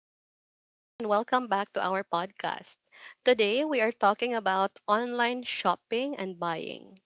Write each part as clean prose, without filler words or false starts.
Hi, everyone, and welcome back to our podcast. Today, we are talking about online shopping and buying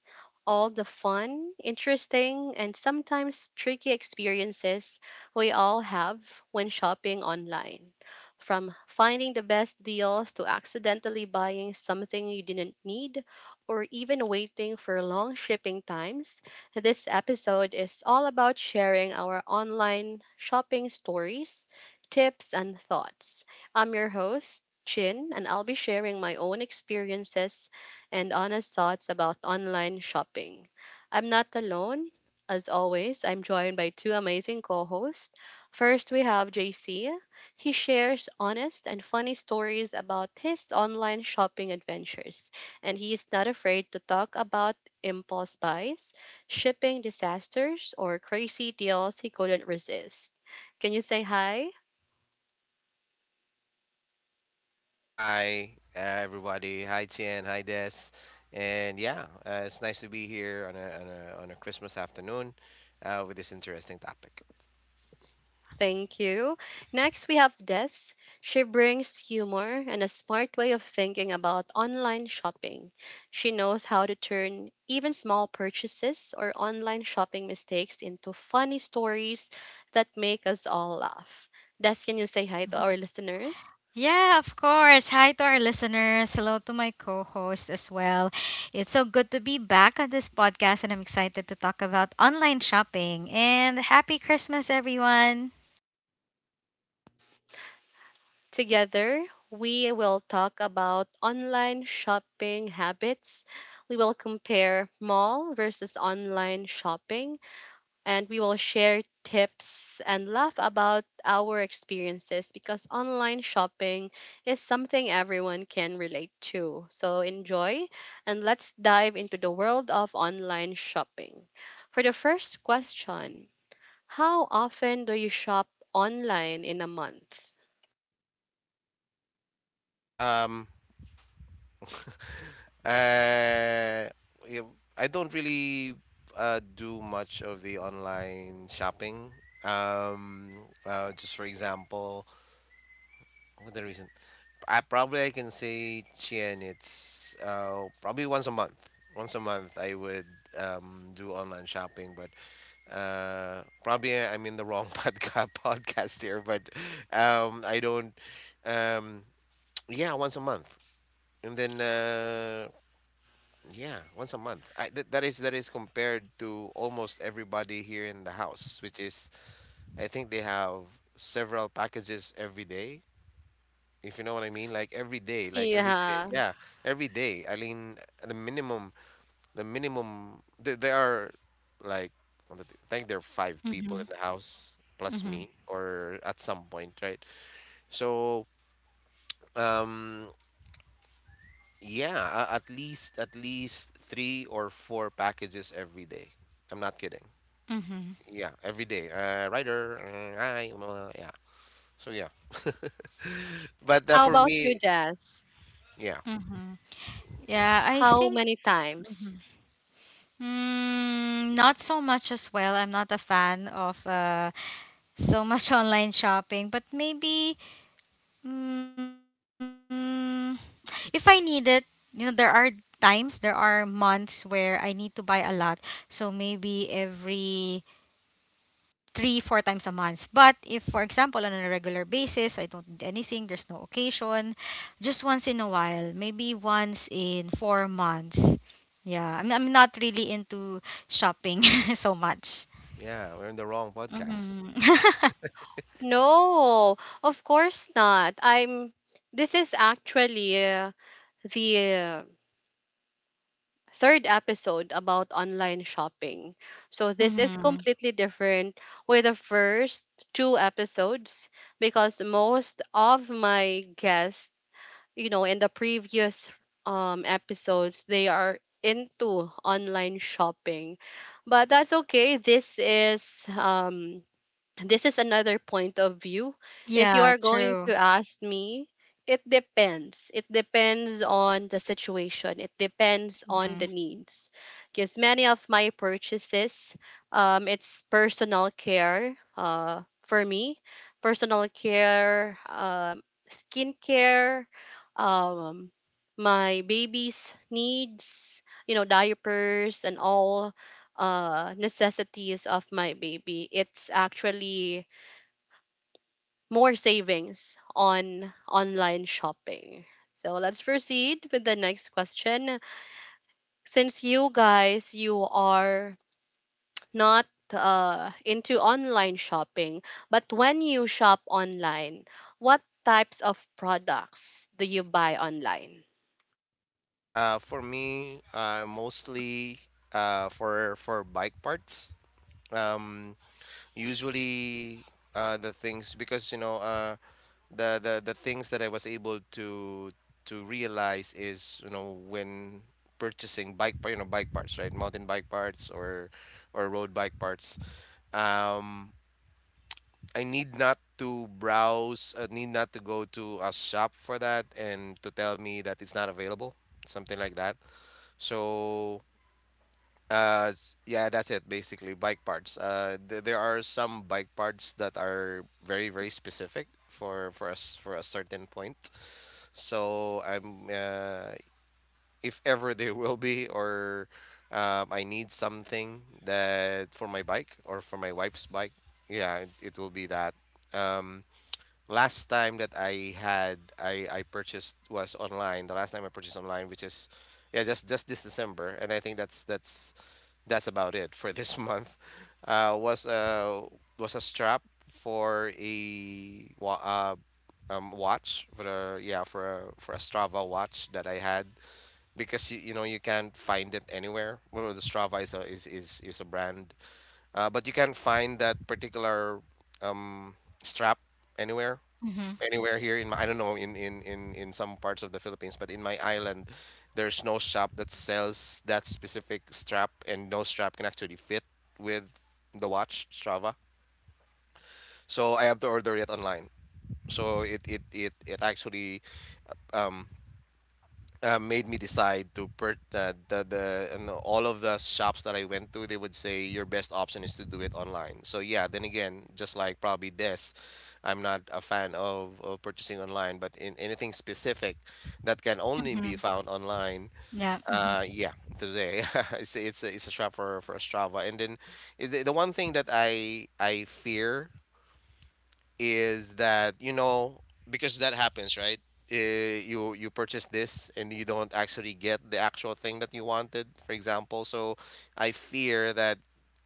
all the fun, interesting, and sometimes tricky experiences we all have when shopping online. From finding the best deals to accidentally buying something you didn't need or even waiting for long shipping times, this episode is all about sharing our online shopping stories, tips, and thoughts. I'm your host, Chin, and I'll be sharing my own experiences and honest thoughts about online shopping. I'm not alone. As always, I'm joined by two amazing co hosts. First, we have JC. He shares honest and funny stories about his online shopping adventures, and he is not afraid to talk about impulse buys, shipping disasters, or crazy deals he couldn't resist. Can you say hi? Hi, everybody. Hi, Tian. Hi, Des. And yeah, it's nice to be here on a Christmas afternoon with this interesting topic. Thank you. Next, we have Des. She brings humor and a smart way of thinking about online shopping. She knows how to turn even small purchases or online shopping mistakes into funny stories that make us all laugh. Des, can you say hi to our listeners? Yeah, of course. Hi to our listeners. Hello to my co host as well. It's so good to be back on this podcast, and I'm excited to talk about online shopping. And happy Christmas, everyone. Together, we will talk about online shopping habits. We will compare mall versus online shopping, and we will share tips and laugh about our experiences, because online shopping is something everyone can relate to. So enjoy, and let's dive into the world of online shopping. For the first question, how often do you shop online in a month? Um, uh, I don't really do much of the online shopping. Just for example, what the reason? I can say Chien. It's probably once a month. Once a month I would do online shopping, but probably I'm in the wrong podcast here, but I don't um yeah, once a month, and then yeah, once a month. I th- that is compared to almost everybody here in the house, which is I think they have several packages every day, if you know what I mean. Like every day, Yeah. yeah, every day. I mean, the minimum, the minimum. Th there are, like, what, I think there are five people Mm-hmm, in the house plus mm-hmm, me, or at some point, right? So, um, yeah, at least three or four packages every day. I'm not kidding. mm-hmm, Yeah, every day. Rider, hi, blah, blah, blah, yeah. So yeah, but How for about you, me, Jess? yeah, mm-hmm. Yeah, I How think. many times? Mhm. Not so much as well. I'm not a fan of so much online shopping, but maybe. Mm, if I need it, there are times, there are months where I need to buy a lot. So maybe every three, four times a month. But if, for example, on a regular basis, I don't need anything, there's no occasion, just once in a while, maybe once in 4 months. Yeah, I'm not really into shopping so much. yeah, we're in the wrong podcast. Hmm. No, of course not. I'm This is actually the third episode about online shopping. So this is Hmm. completely different with the first two episodes, because most of my guests, you know, in the previous episodes, they are into online shopping. But that's okay. This is another point of view. If you Yeah, are going true. to ask me, it depends. It depends on the situation. It depends on the Hmm. needs. Because many of my purchases, it's personal care. For me, personal care, skincare, um, my baby's needs, you know, diapers and all necessities of my baby, it's actually more savings on online shopping. So let's proceed with the next question. Since you guys, you are not into online shopping, but when you shop online, what types of products do you buy online? For me, mostly for bike parts. Um, usually the things, because you know, the things that I was able to realize is, you know, when purchasing you know, bike parts, right? Mountain bike parts or road bike parts. Um, I need not to browse. I need not to go to a shop for that and to tell me that it's not available. Something like that. So yeah, that's it basically. Bike parts. There are some bike parts that are very, very specific for us for a certain point. So I'm if ever there will be or I need something that for my bike or for my wife's bike, yeah, it will be that. Um, last time that I had I purchased was online. The last time I purchased online, which is yeah, just this December, and I think that's that's about it for this month. Uh, was uh was a strap for a watch for a yeah for a Strava watch that I had, because you know, you can't find it anywhere. Well, the Strava is a is a brand, but you can find that particular um, strap anywhere, Hmm. anywhere here in my, I don't know, in, in in some parts of the Philippines, but in my island, there's no shop that sells that specific strap, and no strap can actually fit with the watch Strava. So I have to order it online. So it it actually um made me decide to per the and all of the shops that I went to, they would say your best option is to do it online. So yeah, then again, just like probably this, I'm not a fan of purchasing online, but in anything specific that can only be Hmm. found online, Yeah. Hmm. Yeah, today it's a, it's a, it's a shop for Strava. And then the one thing that I fear is that, you know, because that happens, right? uh, you you purchase this and you don't actually get the actual thing that you wanted, for example. So I fear that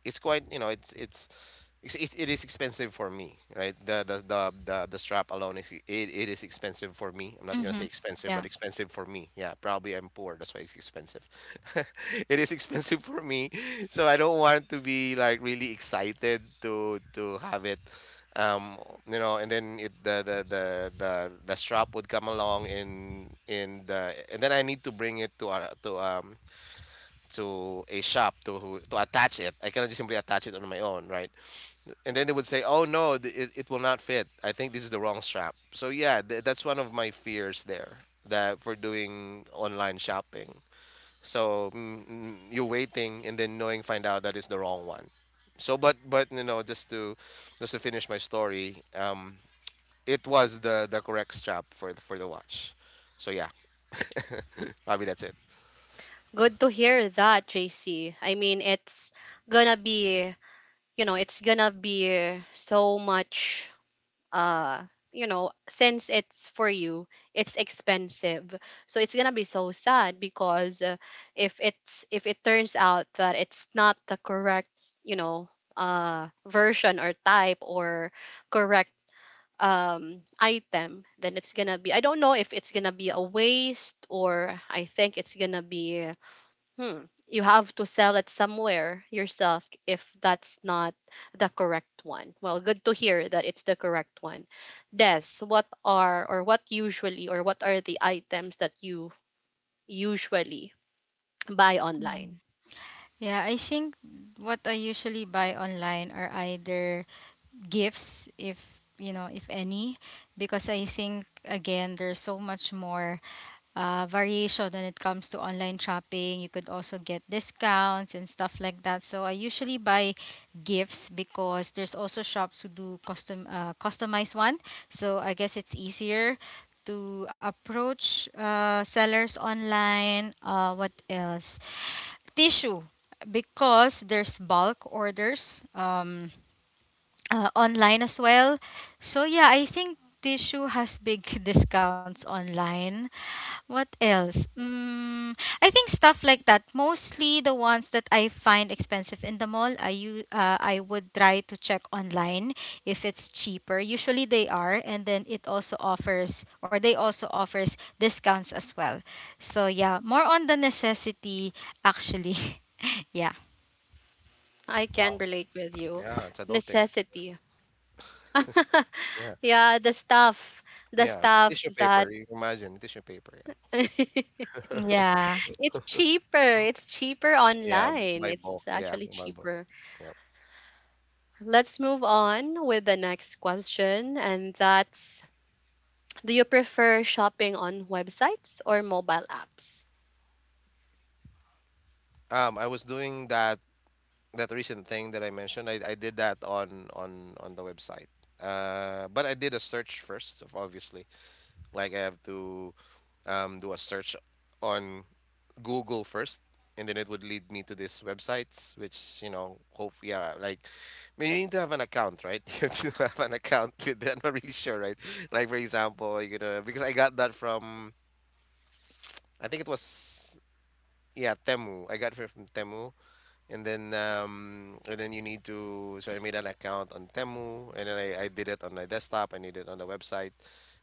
it's quite, you know, it is expensive for me, right? The strap alone is, it is expensive for me. I'm not gonna Hmm. say expensive, but Yeah. expensive for me. Yeah, probably I'm poor, that's why it's expensive. It is expensive for me, so I don't want to be like really excited to have it, um, you know. And then it the, the strap would come along in then I need to bring it to a to a shop to to attach it. I cannot just simply attach it on my own, right? And then they would say, "Oh no, it will not fit. I think this is the wrong strap." So yeah, that's one of my fears there, that for doing online shopping. So mm, mm, you're waiting and then knowing find out that it's the wrong one. So but you know, just to finish my story, it was the correct strap for the watch. So yeah, probably that's it. Good to hear that, JC. I mean, gonna be it's gonna be so much, uh since it's for you it's expensive, so it's gonna be so sad, because if it's if it turns out that it's not the correct, you know version or type or correct item, then it's gonna be I don't know if it's gonna be a waste, or I think it's gonna be... Hmm. You have to sell it somewhere yourself if that's not the correct one. Well, good to hear that it's the correct one. Des, what are, or what usually, or what are the items that you usually buy online? Mhm. Yeah, I think what I usually buy online are either gifts, if if any, because I think again there's so much more variation when it comes to online shopping. You could also get discounts and stuff like that. So I usually buy gifts because there's also shops who do customized one. So I guess it's easier to approach sellers online. What else? Tissue, because there's bulk orders online as well. So yeah, I think tissue has big discounts online. What else? I think stuff like that. Mostly the ones that I find expensive in the mall, I would try to check online if it's cheaper. Usually they are, and then it also offers or they also offers discounts as well. So yeah, more on the necessity actually. Yeah. I can Wow. relate with you. Yeah, it's adulting. Necessity. Yeah, Yeah, the stuff, the yeah. stuff Tissue that, paper. You imagine tissue paper. Yeah. Yeah. it's cheaper. It's cheaper Yeah, online. by It's bulk. Yeah, actually by bulk. cheaper. Yeah. Let's move on with the next question, and that's: do you prefer shopping on websites or mobile apps? I was doing that that recent thing that I mentioned. I did that on on the website. But I did a search first, obviously. Like I have to do a search on Google first, and then it would lead me to these websites, which, you know, hope yeah, like I mean, you need to have an account, right? You have to have an account with that. I'm not really sure, right? Like for example, you know, because I got that from I think it was. Yeah, Temu. I got it from Temu, and then you need to. So I made an account on Temu, and then I did it on my desktop. I did it on the website.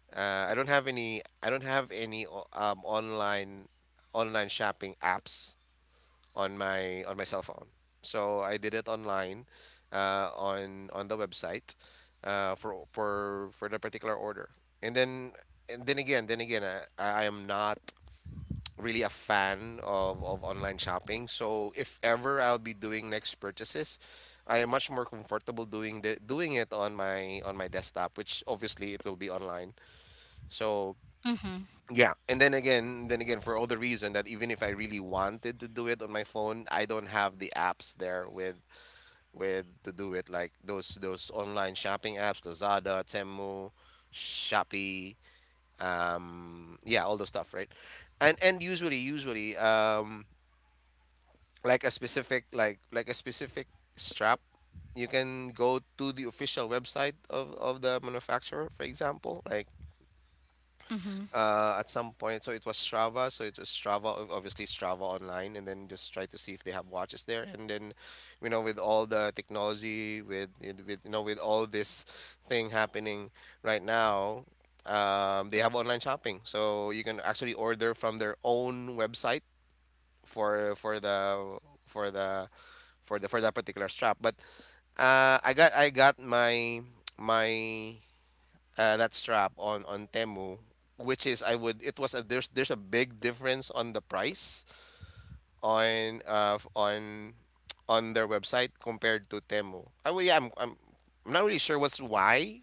I don't have any. I don't have any online shopping apps on my cell phone. So I did it online, on the website, for the particular order. And then and then again, I am not really a fan of online shopping. So if ever I'll be doing next purchases, I am much more comfortable doing the doing it on my desktop, which obviously it will be online. So Mhm. yeah, and then again, then again, for all the reason that even if I really wanted to do it on my phone, I don't have the apps there with to do it, like those online shopping apps, Lazada, Temu, Shopee, yeah, all those stuff, right? And usually usually like a specific like a specific strap, you can go to the official website of the manufacturer, for example, like Mhm. At some point. So it was Strava, so it was Strava, obviously Strava online, and then just try to see if they have watches there, and then, you know, with all the technology, with you know, with all this thing happening right now, they have online shopping, so you can actually order from their own website for the for the for the for that particular strap. But I got my my that strap on Temu, which is I would it was a there's a big difference on the price on on their website compared to Temu. I well, yeah, I'm not really sure what's why.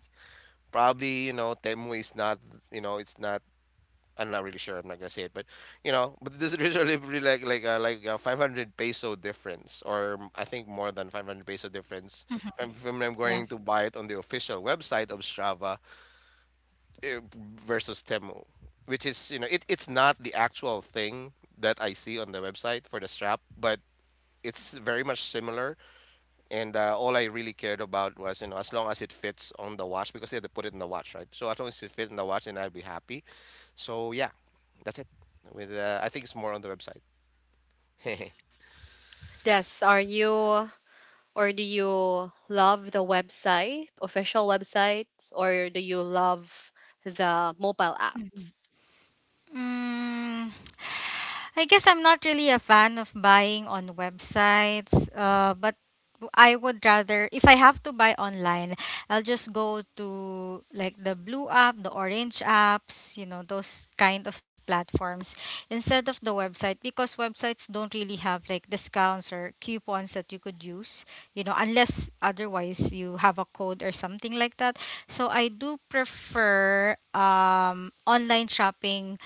Probably, you know, Temu is not you know it's not I'm not really sure. I'm not gonna say it, but you know, but this there's a really like a 500 peso difference, or I think more than 500 peso difference. Mhm. I'm, when I'm Yeah. going to buy it on the official website of Strava, eh, versus Temu, which is, you know, it's not the actual thing that I see on the website for the strap, but it's very much similar, and all I really cared about was, you know, as long as it fits on the watch, because they had to put it in the watch, right? So as long as it fits in the watch, then I'd be happy. So yeah, that's it. With I think it's more on the website. Yes, are you, or do you love the website, official websites, or do you love the mobile Mhm. apps? Mm. I guess I'm not really a fan of buying on websites, but I would rather, if I have to buy online, I'll just go to like the blue app, the orange apps, you know, those kind of platforms instead of the website, because websites don't really have like discounts or coupons that you could use, unless otherwise you have a code or something like that. So I do prefer online shopping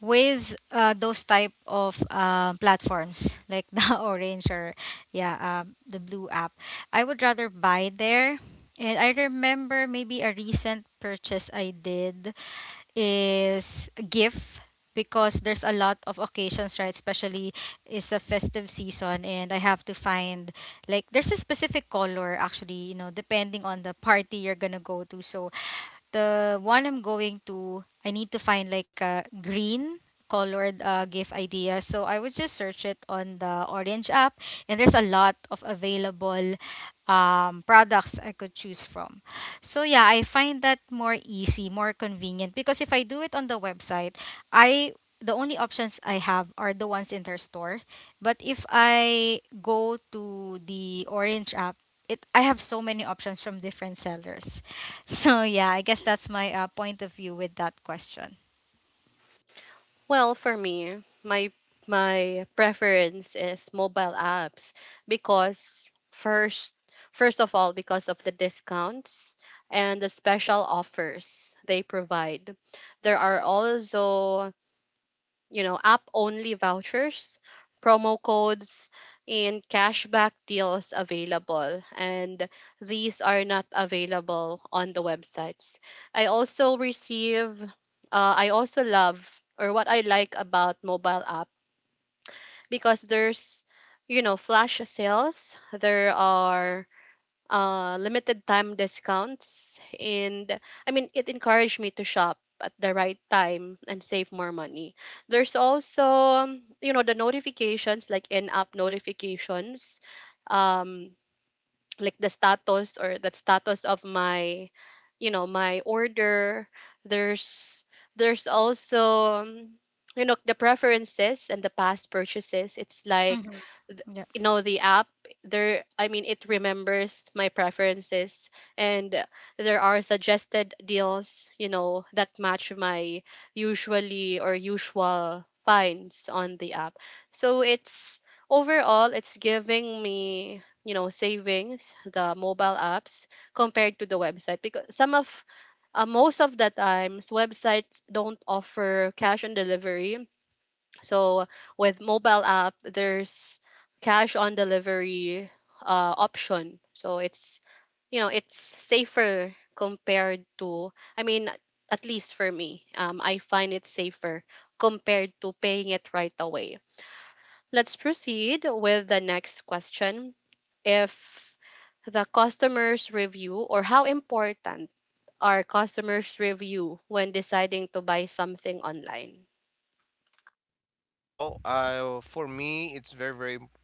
with those type of platforms like the orange, or yeah, the blue app. I would rather buy there. And I remember maybe a recent purchase I did is a gift, because there's a lot of occasions, right? Especially it's a festive season, and I have to find, like, there's a specific color, actually, depending on the party you're gonna go to. So the one I'm going to, I need to find like a green colored gift idea. So I would just search it on the Orange app, and there's a lot of available products I could choose from. So yeah, I find that more easy, more convenient, because if I do it on the website, I the only options I have are the ones in their store. But if I go to the Orange app, it I have so many options from different sellers. So yeah, I guess that's my point of view with that question. Well, for me, my preference is mobile apps, because, first of all, because of the discounts and the special offers they provide. There are also, you know, app only vouchers, promo codes, and cashback deals available. And these are not available on the websites. I also receive, I also love, or what I like about mobile app, because there's, you know, flash sales, there are limited time discounts. And I mean, it encouraged me to shop at the right time and save more money. There's also, you know, the notifications, like in app notifications. Um, like the status or the status of my you know my order. There's there's also, you know, the preferences and the past purchases. It's like, Hmm. th- Yeah. The app there, I mean, it remembers my preferences, and there are suggested deals, you know, that match my usual finds on the app. So it's overall, it's giving me, you know, savings, the mobile apps compared to the website, because some of most of the times websites don't offer cash on delivery. So with mobile app there's cash on delivery option, so it's, it's safer compared to, I mean, at least for me, I find it safer compared to paying it right away. Let's proceed with the next question: if the customer's review or how important are customers' review when deciding to buy something online. Oh, for me, it's very, very,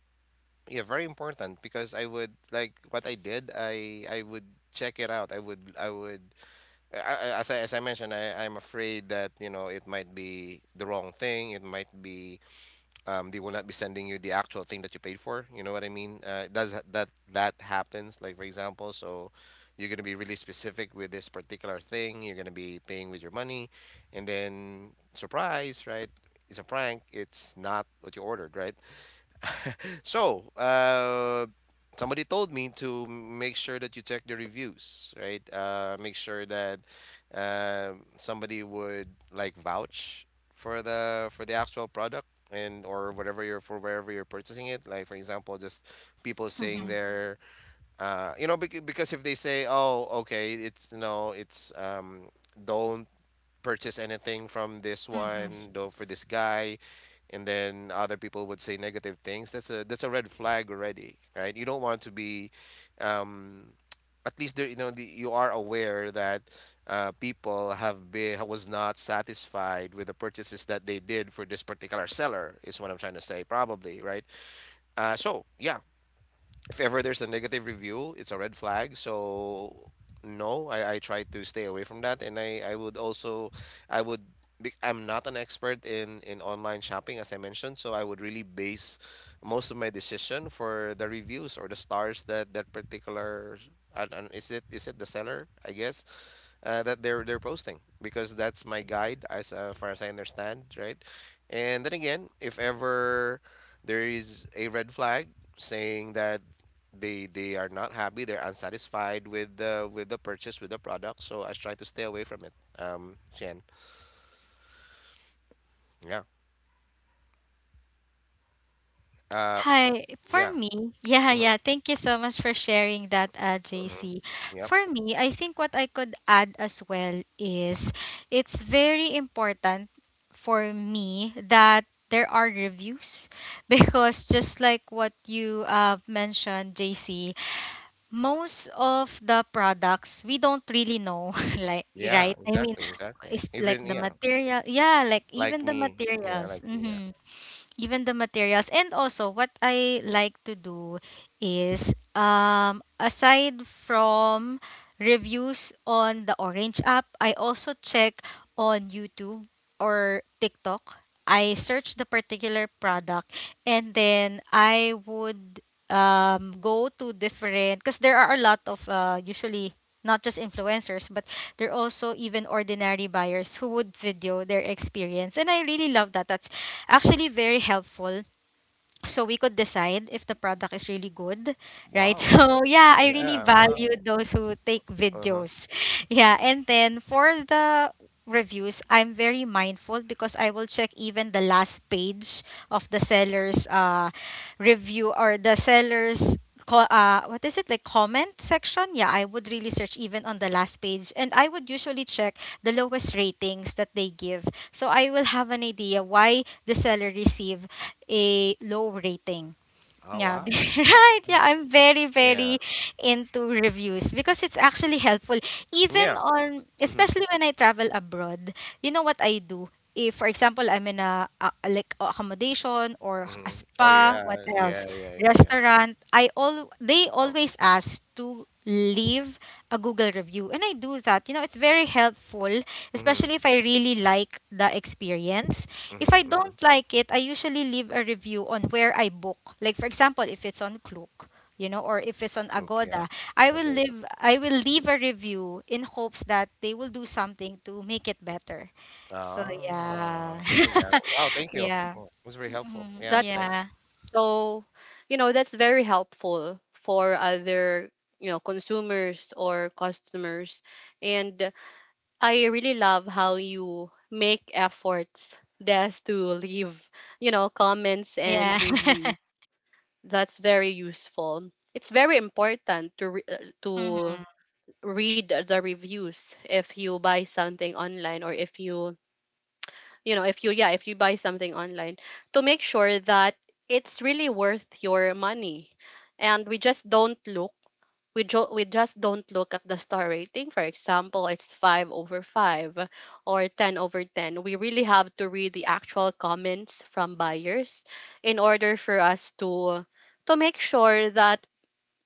yeah, very important, because I would like what I did. I would check it out. I would, I would, I- as I mentioned, I'm afraid that, you know, it might be the wrong thing. It might be they will not be sending you the actual thing that you paid for. You know what I mean? It does that happens? Like for example, so you're gonna be really specific with this particular thing. You're gonna be paying with your money, and then surprise, right? It's a prank. It's not what you ordered, right? So, somebody told me to make sure that you check the reviews, right? Make sure that somebody would like vouch for the actual product and or whatever you're for wherever you're purchasing it. Like for example, just people saying Hmm. they're because if they say, "Oh, okay, it's don't purchase anything from this Hmm. one, though for this guy, and then other people would say negative things, that's a red flag already, right? You don't want to be, um, at least there, you are aware that people have been was not satisfied with the purchases that they did for this particular seller is what I'm trying to say, probably, right? So yeah, if ever there's a negative review, it's a red flag. So no, I try to stay away from that. And I would also, I would, I'm not an expert in online shopping, as I mentioned. So I would really base most of my decision for the reviews or the stars that that particular, I don't, is it the seller, I guess, that they're posting because that's my guide as far as I understand, right? And then again, if ever there is a red flag saying that they are not happy they're unsatisfied with the purchase with the product, so I try to stay away from it. Shen, yeah. uh Hi, for yeah. me, yeah, Hmm. yeah. Thank you so much for sharing that, Hmm. JC. Yep. For me, I think what I could add as well is it's very important for me that there are reviews, because just like what you mentioned, JC, most of the products we don't really know, like, Yeah, right? I mean, exactly, exactly, it's like even, the yeah. material. Yeah, like Like even the me, yeah, materials. like me, yeah. Mhm. Even the materials. And also what I like to do is, aside from reviews on the Orange app, I also check on YouTube or TikTok. I search the particular product, and then I would go to different, because there are a lot of usually not just influencers, but there are also even ordinary buyers who would video their experience. And I really love that. That's actually very helpful, so we could decide if the product is really good, right? Wow. So yeah, I really Yeah, value wow. those who take Uh-huh. videos. Yeah. And then for the reviews, I'm very mindful, because I will check even the last page of the seller's review, or the seller's, what is it, like, comment section. Yeah, I would really search even on the last page, and I would usually check the lowest ratings that they give, so I will have an idea why the seller received a low rating. Oh Yeah, wow. right. Yeah, Yeah, I'm very, yeah. very into reviews, because it's actually helpful. Even Yeah. on, Mm-hmm. especially when I travel abroad, you know what I do? If, for example, I'm in a, like accommodation, or a Hmm. Oh spa, Yeah, what yeah, else? yeah, yeah. Yeah, Restaurant. I all They oh, always ask to leave a Google review, and I do that. You know, it's very helpful, mm-hmm. especially if I really like the experience. If I Mm-hmm. Mm-hmm. don't like it, I usually leave a review on where I book. Like, for example, if it's on Klook, or if it's on Look, yeah. Agoda, I will Pagoda. leave I will leave a review in hopes that they will do something to make it better. So Ah, yeah. oh yeah. Wow, thank you. Yeah. Oh, it was very helpful. Hmm. Yeah, thanks. Yeah. That's so, that's very helpful for other, you know, consumers or customers. And I really love how you make efforts just to leave, you know, comments and Yeah. reviews. That's very useful. It's very important to Hmm. read the reviews if you buy something online, or if you you know if you yeah if you buy something online, to make sure that it's really worth your money. And we just don't look, we, jo- we just don't look at the star rating, for example it's 5 over 5 or 10 over 10. We really have to read the actual comments from buyers in order for us to make sure that,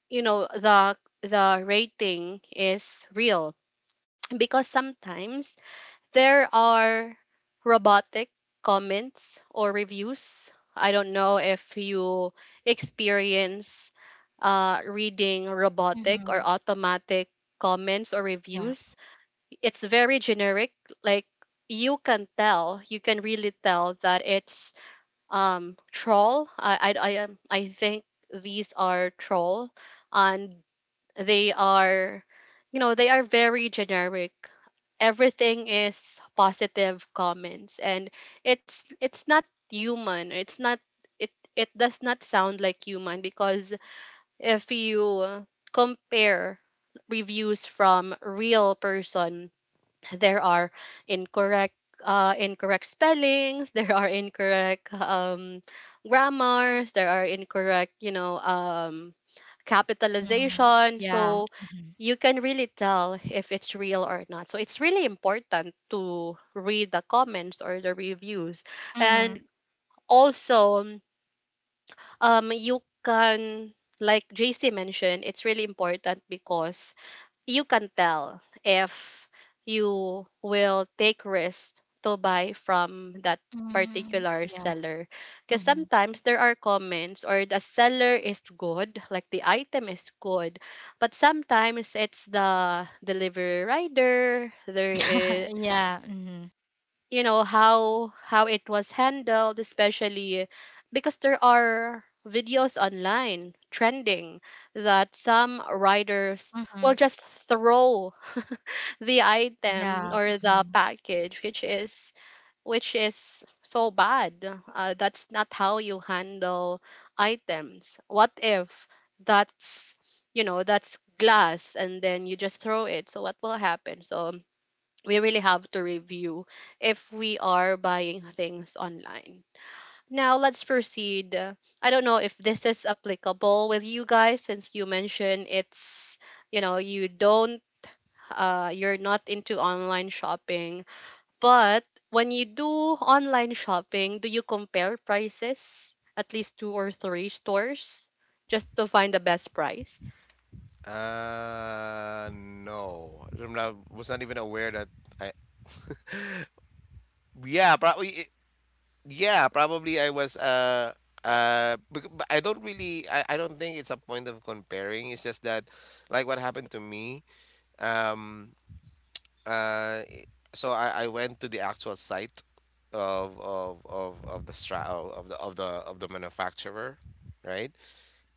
you know the the rating is real, because sometimes there are robotic comments or reviews. I don't know if you experience reading robotic or Hmm. automatic comments or Yeah. reviews. It's very generic. Like, you can tell, you can really tell that it's, troll. I think these are troll, and they are, you know, they are very generic, everything is positive comments. And it's not human. It's not. It does not sound like human, because if you compare reviews from real person, there are incorrect incorrect spellings, there are incorrect grammars, there are incorrect Hmm. capitalization. Yeah. So Hmm. you can really tell if it's real or not. So it's really important to read the comments or the reviews. Hmm. And also, you can like JC mentioned, it's really important, because you can tell if you will take risks to buy from that Hmm. particular Yeah. seller, because Hmm. sometimes there are comments, or the seller is good, like the item is good, but sometimes it's the delivery rider. there is Yeah. Hmm. you know how how it was handled, especially, because there are videos online trending that some riders will Hmm. just throw the item Yeah. or the Hmm. package, which is so bad. That's not how you handle items. What if that's that's glass, and then you just throw it? So what will happen? So we really have to review if we are buying things online. Now let's proceed. I don't know if this is applicable with you guys, since you mentioned, it's you know you don't you're not into online shopping, but when you do online shopping, do you compare prices at least two or three stores just to find the best price? No, I'm not, was not even aware that I. Yeah, probably. Yeah, probably I was. But I don't really. I don't think it's a point of comparing. It's just that, like what happened to me. Um. So I went to the actual site of the stra of the of the of the manufacturer, right?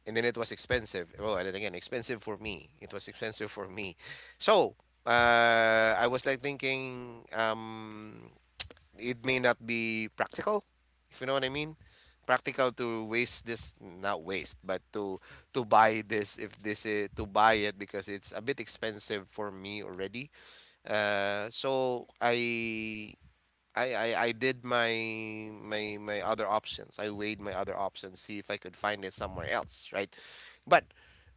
And then it was expensive. Well, and then again, expensive for me. It was expensive for me. So I was like thinking, it may not be practical, if you know what I mean. Practical to waste this, not waste, but to buy this if this is to buy it because it's a bit expensive for me already. So I did my my other options. I weighed my other options, see if I could find it somewhere else, right? But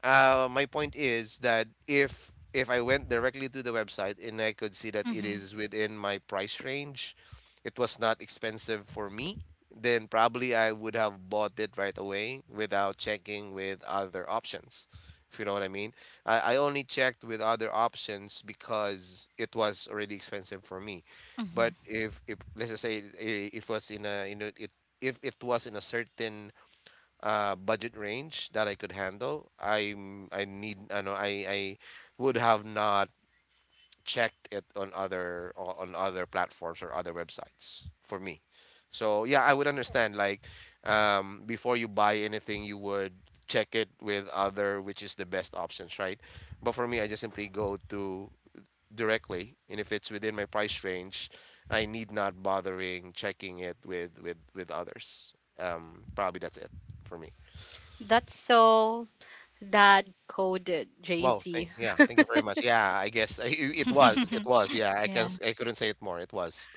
my point is that if I went directly to the website and I could see that it Hmm. is within my price range, it was not expensive for me, then probably I would have bought it right away without checking with other options. If you know what I mean. I only checked with other options because it was already expensive for me. But Mhm. if let's just say if was it if it was in a certain budget range that I could handle, I'm I need I know I would have not checked it on on other platforms or other websites for me. So yeah, I would understand like before you buy anything, you would check it with other which is the best options, right? But for me, I just simply go to directly and if it's within my price range, I need not bothering checking it with with others. Probably that's it for me. That's so dad coded, well thank JC. yeah thank you very much. Yeah, I guess it was it was, yeah, I can't Yeah. s- I couldn't say it more. It was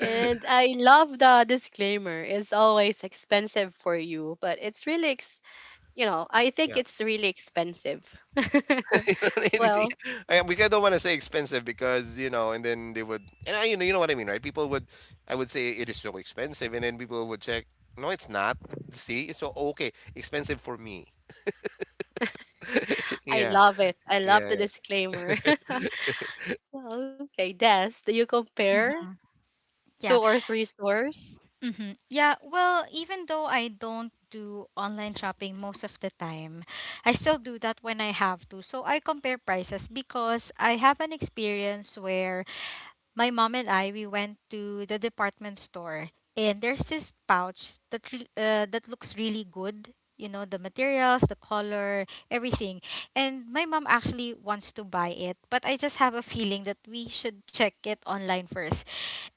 And I love the disclaimer. It's always expensive for you, but it's really, I think yeah. it's really expensive. You see, Well, I, we don't want to say expensive because you know and then they would and I you know, you know what I mean, right? People would, I would say it is so expensive and then people would check, no it's not, see, so okay, expensive for me. I yeah, love it. I love yeah, the yeah. disclaimer. Well, okay, Des, do you compare Hmm. two Yeah. or three stores? Hmm. Yeah. Well, even though I don't do online shopping most of the time, I still do that when I have to. So I compare prices, because I have an experience where my mom and I, we went to the department store, and there's this pouch that looks really good. You know, the materials, the color, everything. And my mom actually wants to buy it, but I just have a feeling that we should check it online first.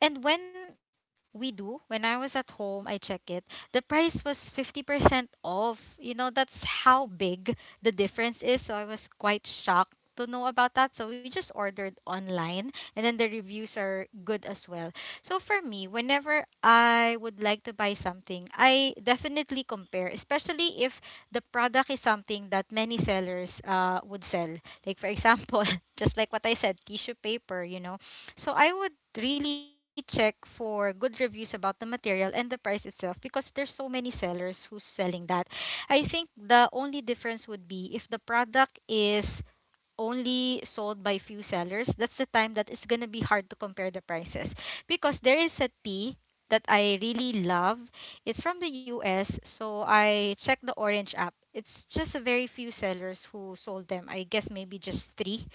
And when I was at home, I check it. The price was 50% off. That's how big the difference is. So I was quite shocked to know about that. So we just ordered online, and then the reviews are good as well. So for me, whenever I would like to buy something, I definitely compare, especially if the product is something that many sellers would sell. Like, for example, just like what I said, tissue paper, so I would really check for good reviews about the material and the price itself, because there's so many sellers who's selling that. I think the only difference would be if the product is only sold by few sellers. That's the time that it's gonna be hard to compare the prices. Because there is a tea that I really love. It's from the US, so I checked the Orange app. It's just a very few sellers who sold them. I guess maybe just three,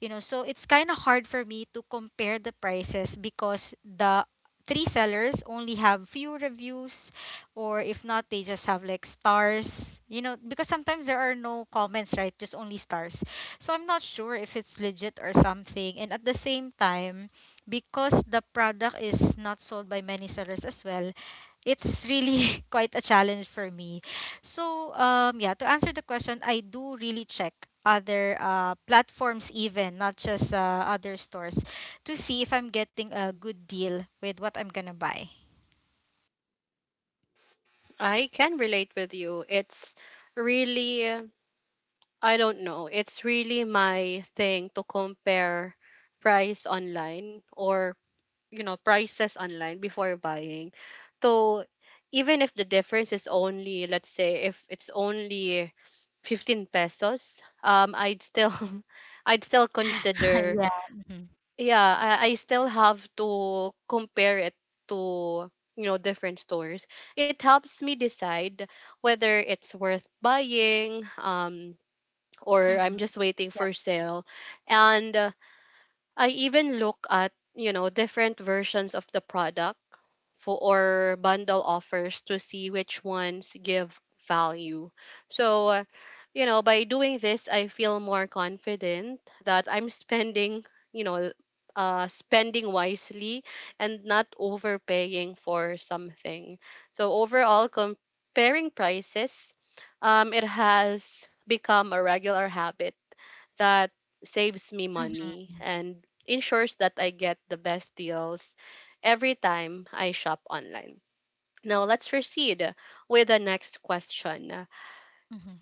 you know. So it's kind of hard for me to compare the prices, because the three sellers only have few reviews, or if not they just have like stars, because sometimes there are no comments, right? Just only stars, so I'm not sure if it's legit or something. And at the same time, because the product is not sold by many sellers as well, it's really quite a challenge for me. So yeah, to answer the question, I do really check other platforms even, not just other stores, to see if I'm getting a good deal with what I'm gonna buy. I can relate with you. It's really, I don't know, it's really my thing to compare price online, or prices online, before buying. So even if the difference is only, let's say, if it's only ₱15, I'd still, I'd still consider. Yeah. Mm-hmm. Yeah, I still have to compare it to, different stores. It helps me decide whether it's worth buying, or Mm-hmm. I'm just waiting Yep. for sale. And I even look at, you know, different versions of the product for or bundle offers, to see which ones give value. So, by doing this, I feel more confident that I'm spending, you know, spending wisely, and not overpaying for something. So overall, comparing prices, it has become a regular habit that saves me Mm-hmm. money and ensures that I get the best deals every time I shop online. Now, let's proceed with the next question. Mm-hmm.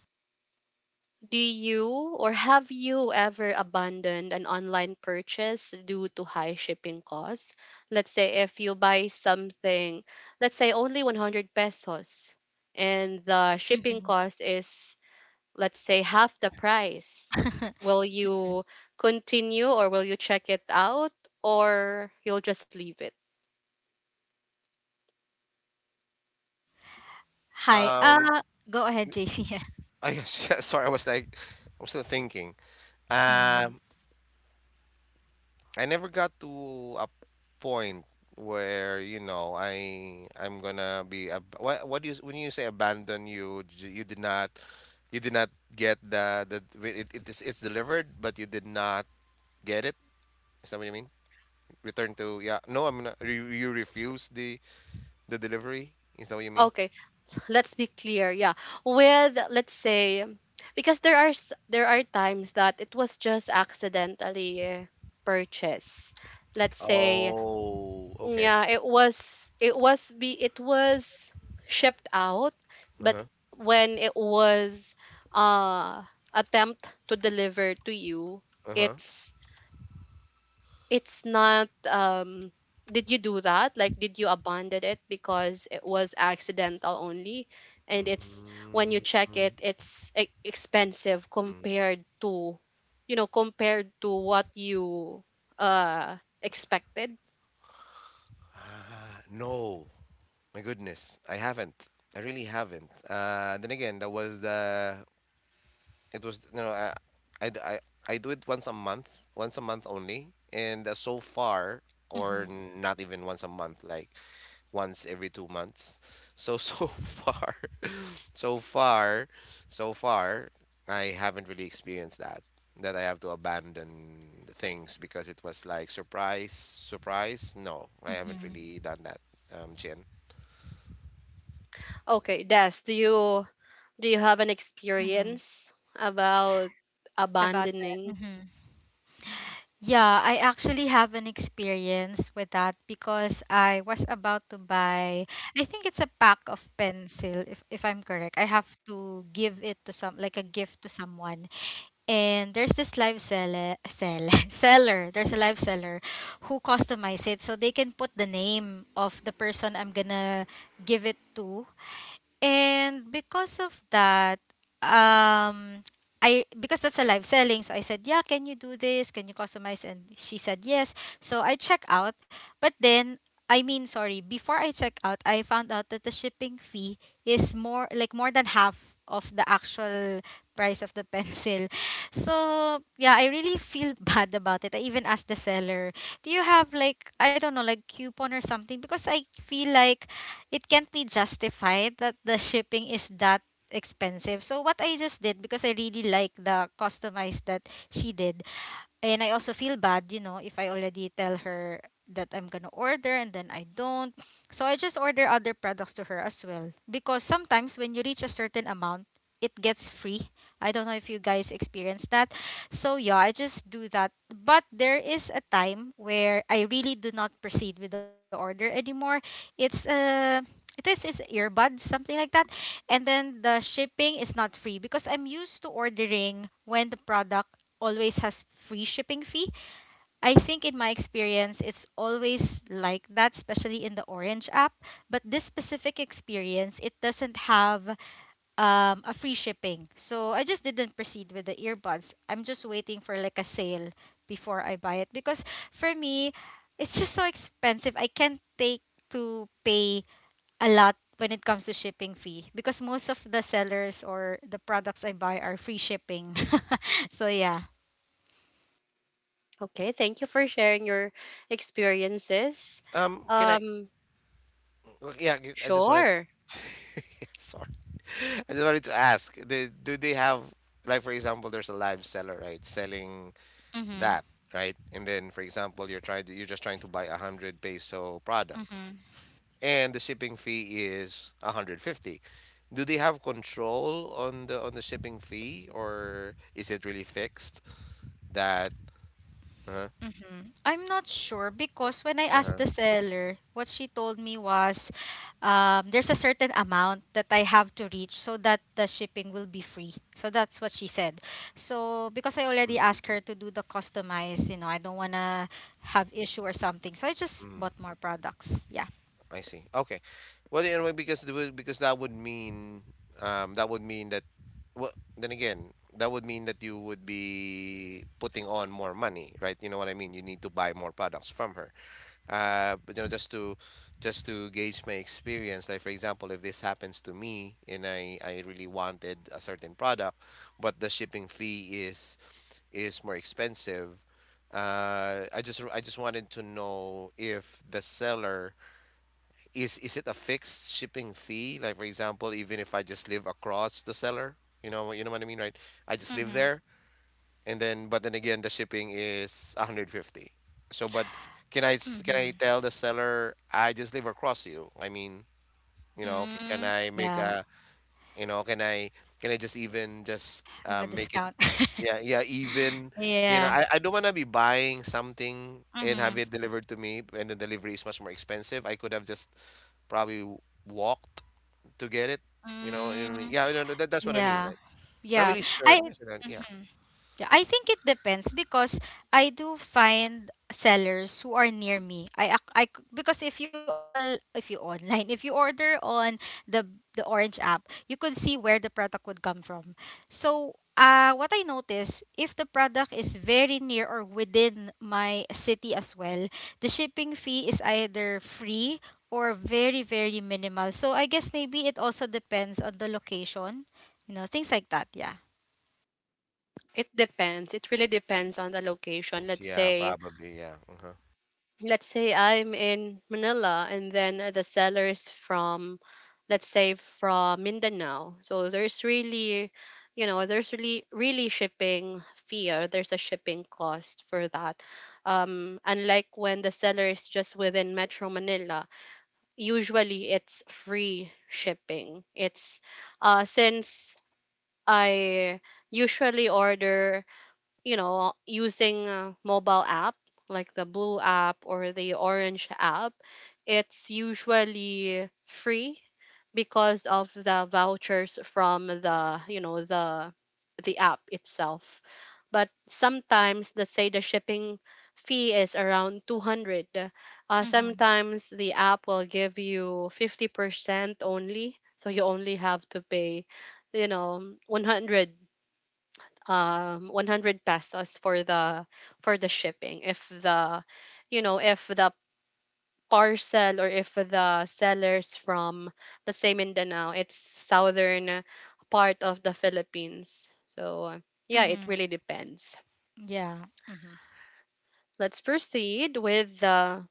Do you or have you ever abandoned an online purchase due to high shipping costs? Let's say if you buy something, let's say only 100 pesos, and the shipping Mm-hmm. cost is, let's say, half the price. Will you continue, or will you check it out, or you'll just leave it? Hi. um Go ahead, JC. I sorry, I was like, I'm still thinking. Mhm. Um, I never got to a point where, you know, I'm gonna be ab what do you when you say abandon, you did not you did not get it is it's delivered but you did not get it. Is that what you mean? Return to, yeah, no, I'm not you, you refuse the delivery. Is that what you mean? Okay, let's be clear, yeah, with, let's say, because there are times that it was just accidentally purchased, let's say. Oh, okay. Yeah, it was, it was be it was shipped out, but Uh-huh. when it was, uh, attempt to deliver to you, Uh-huh. it's it's not, um, did you do that? Like, did you abandon it because it was accidental only, and it's, when you Mm, check it, it's expensive compared to, you know, compared to what you, uh, expected. no. My goodness, I haven't. I really haven't. Then again, that was the. It was, you know, I do it once a month only, and so far, or Mhm. Not even once a month, like once every 2 months. So so far, so far, so far, I haven't really experienced that. That I have to abandon things because it was like surprise, surprise. No, I haven't Mhm. really done that, Jen. Okay, Des, do you have an Mhm. experience about About that. abandoning? Mhm. Yeah, I actually have an experience with that, because I was about to buy, I think it's a pack of pencil, if I'm correct. I have to give it to some, like, a gift to someone. And there's this seller. There's a live seller who customize it, so they can put the name of the person I'm gonna give it to. And because of that, um, I, because that's a live selling, so I said, "Yeah, can you do this? Can you customize?" And she said, "Yes." So I check out. But then, I mean, sorry, before I check out, I found out that the shipping fee is more than half of the actual price of the pencil. So, yeah, I really feel bad about it. I even asked the seller, "Do you have like, I don't know, like coupon or something?" Because I feel like it can't be justified that the shipping is that expensive. So what I just did, because I really like the customized that she did, and I also feel bad, if I already tell her that I'm gonna order and then I don't. So I just order other products to her as well. Because sometimes when you reach a certain amount, it gets free. I don't know if you guys experience that. So yeah, I just do that. But there is a time where I really do not proceed with the order anymore. It's uh it is earbuds something like that, and then the shipping is not free because I'm used to ordering when the product always has free shipping fee. I think in my experience it's always like that, especially in the orange app, but this specific experience it doesn't have a free shipping, so I just didn't proceed with the earbuds. I'm just waiting for like a sale before I buy it because for me it's just so expensive. I can't take to pay a lot when it comes to shipping fee because most of the sellers or the products I buy are free shipping. So yeah. Okay, thank you for sharing your experiences. Can I? Um, Well, yeah, you- I just wanted to, sure. sorry. I just wanted to ask, they, do they have, like, for example, there's a live seller, right, selling Mhm. that, right? And then, for example, you're trying to, you're just trying to buy a hundred peso product, Mhm. and the shipping fee is a hundred fifty. Do they have control on the shipping fee, or is it really fixed? That, uh-huh, Mhm. I'm not sure because when I asked uh-huh? the seller, what she told me was there's a certain amount that I have to reach so that the shipping will be free. So that's what she said. So because I already asked her to do the customize, you know, I don't want to have issue or something. So I just bought more products. Yeah. I see. Okay. Well, anyway, because the, would- because that would mean that would mean that, well, then again, that would mean that you would be putting on more money, right? You know what I mean? You need to buy more products from her. But, you know, just to gauge my experience, like for example, if this happens to me and I really wanted a certain product, but the shipping fee is more expensive. I just wanted to know if the seller is it a fixed shipping fee? Like for example, even if I just live across the seller, you know, you know what I mean, right? I just live Mhm. there, and then but then again, the shipping is 150. So, but can I Mhm. tell the seller I just live across you? I mean, you know, can Mm, I make yeah, a, you know, can I, can I just even just have a make it, discount. yeah, yeah, even you Yeah. know, I don't wanna be buying something and Mm-hmm. have it delivered to me and the delivery is much more expensive. I could have just probably walked to get it. You know what I mean? Mm, Yeah, no, no, that's what I mean, yeah. right? Not Yeah. really sure I necessarily, yeah. Mm-hmm. Yeah, I think it depends because I do find sellers who are near me. I ac- I c- Because if you online if you order on the the Orange app, you could see where the product would come from. So, what I notice, if the product is very near or within my city as well, the shipping fee is either free or very, very minimal. So, I guess maybe it also depends on the location, you know, things like that, yeah. It depends. It really depends on the location. Depends, Let's yeah, say probably, yeah. Uh-huh. let's say I'm in Manila and then the seller is from, let's say, from Mindanao. So there's really, you know, there's really, really shipping fee, or there's a shipping cost for that. Unlike when the seller is just within Metro Manila, usually it's free shipping. It's, uh, since I usually order, you know, using a mobile app like the blue app or the orange app, it's usually free because of the vouchers from the, you know, the app itself. But sometimes, let's say the shipping fee is around 200. Mhm. Sometimes the app will give you 50% only, so you only have to pay, you know, 100, um, 100 pesos for the shipping, if the, you know, if the parcel, or if the sellers from, let's say, Mindanao, it's southern part of the Philippines. So yeah, it Mhm. really depends. Yeah. Mhm. Let's proceed with the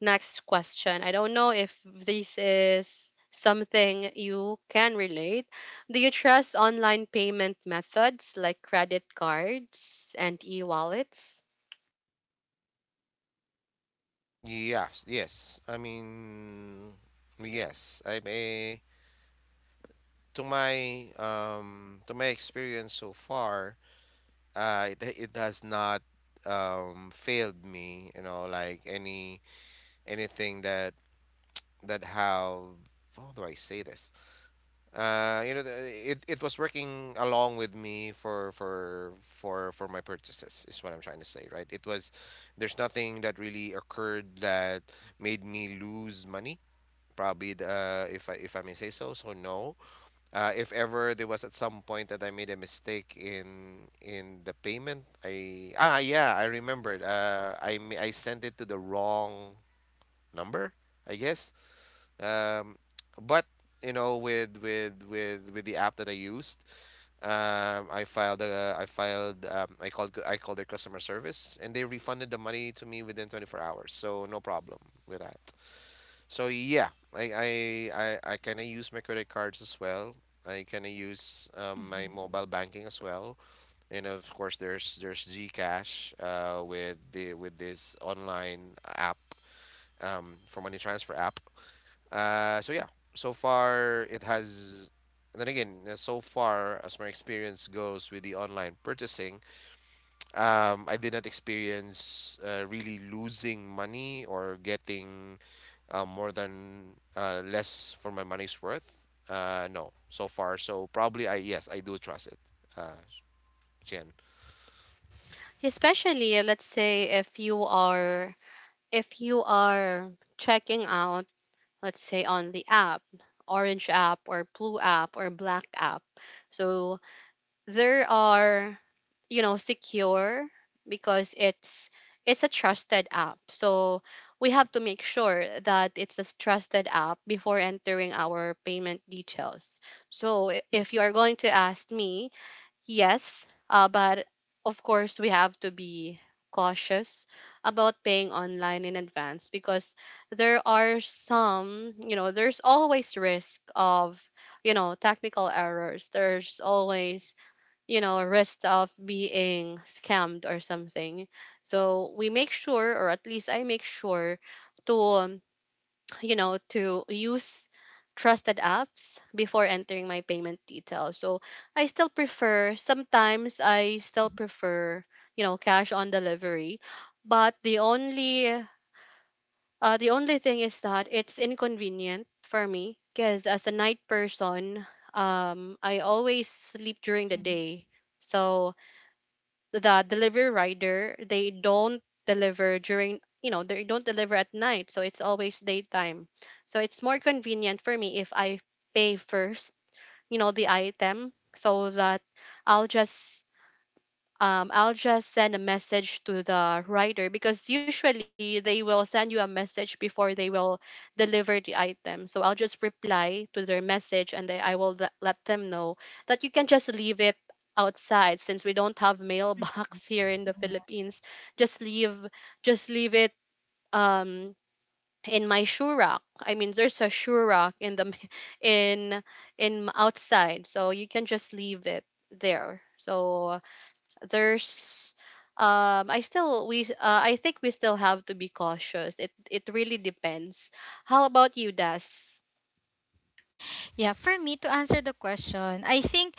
next question. I don't know if this is something you can relate. Do you trust online payment methods like credit cards and e-wallets? Yes, yes. I mean, yes. I may To my to my experience so far, it, it has not failed me, you know, like any anything that that have, how do I say this, you know, it it was working along with me for my purchases is what I'm trying to say, right? it was There's nothing that really occurred that made me lose money, probably. Uh, if I may say so, so no. Uh, if ever there was at some point that I made a mistake in the payment, I ah yeah, I remembered. I sent it to the wrong number, I guess. Um, but you know, with with the app that I used, I filed, I called their customer service and they refunded the money to me within 24 hours. So no problem with that. So yeah, I kind of use my credit cards as well. I kind of use my Mhm. mobile banking as well, and of course there's GCash with the with this online app, for money transfer app. So yeah, so far it has. Then again, so far as my experience goes with the online purchasing, I did not experience really losing money or getting more than less for my money's worth. No, so far. So probably I yes, I do trust it. Uh, Jen. Especially, let's say if you are, if you are checking out, let's say on the app, orange app or blue app or black app, so there are, you know, secure, because it's a trusted app. So we have to make sure that it's a trusted app before entering our payment details. So if you are going to ask me, yes, but of course we have to be cautious about paying online in advance, because there are some, you know, there's always risk of, you know, technical errors. There's always, you know, risk of being scammed or something. So we make sure, or at least I make sure, to, you know, to use trusted apps before entering my payment details. So I still prefer, sometimes I still prefer, you know, cash on delivery. But the only thing is that it's inconvenient for me, because as a night person, I always sleep during the Mhm. day. So the delivery rider, they don't deliver during, you know, they don't deliver at night, so it's always daytime. So it's more convenient for me if I pay first, you know, the item, so that I'll just, I'll just send a message to the writer, because usually they will send you a message before they will deliver the item. So I'll just reply to their message and then I will let them know that you can just leave it outside, since we don't have mailbox here in the Mhm. Philippines. Just leave, just leave it, um, in my shoe rack. I mean, there's a shoe rack in the in in outside, so you can just leave it there. So there's, um, I think we still have to be cautious. It really depends. How about you, Das? Yeah, for me to answer the question, I think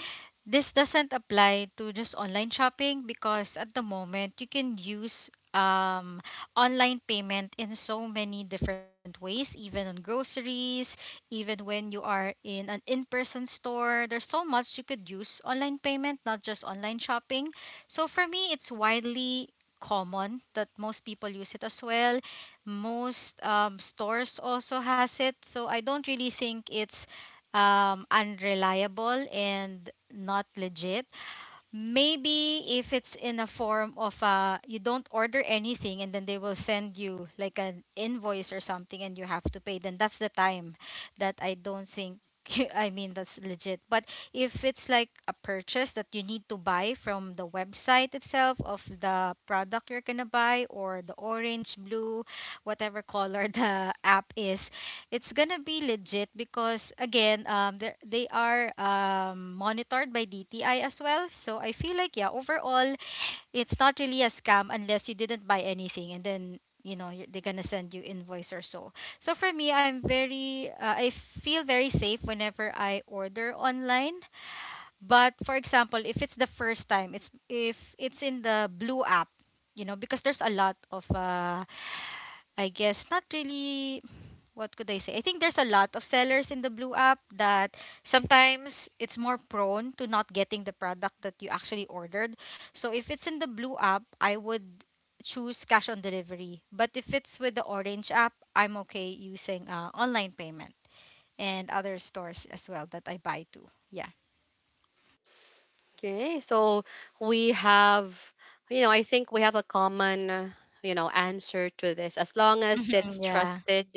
this doesn't apply to just online shopping because at the moment you can use online payment in so many different ways, even on groceries, even when you are in an in person store. There's so much you could use online payment, not just online shopping. So for me, it's widely common that most people use it as well. Most stores also has it, so I don't really think it's unreliable and not legit. Maybe if it's in a form of you don't order anything and then they will send you like an invoice or something and you have to pay, then that's the time that I don't think. I mean that's legit. But if it's like a purchase that you need to buy from the website itself of the product you're gonna buy, or the orange, blue, whatever color the app is, it's gonna be legit because again they are monitored by DTI as well, so I feel like yeah, overall it's not really a scam unless you didn't buy anything and then, you know, they're gonna send you invoice or so. So for me I'm very I feel very safe whenever I order online. But for example, if it's the first time, it's if it's in the blue app, you know, because there's a lot of I guess not really. What could I say? I think there's a lot of sellers in the Blue app that sometimes it's more prone to not getting the product that you actually ordered. So if it's in the Blue app, I would choose cash on delivery. But if it's with the Orange app, I'm okay using online payment, and other stores as well that I buy to. Yeah. Okay, so we have, you know, I think we have a common, you know, answer to this. As long as Mhm. it's Yeah. trusted,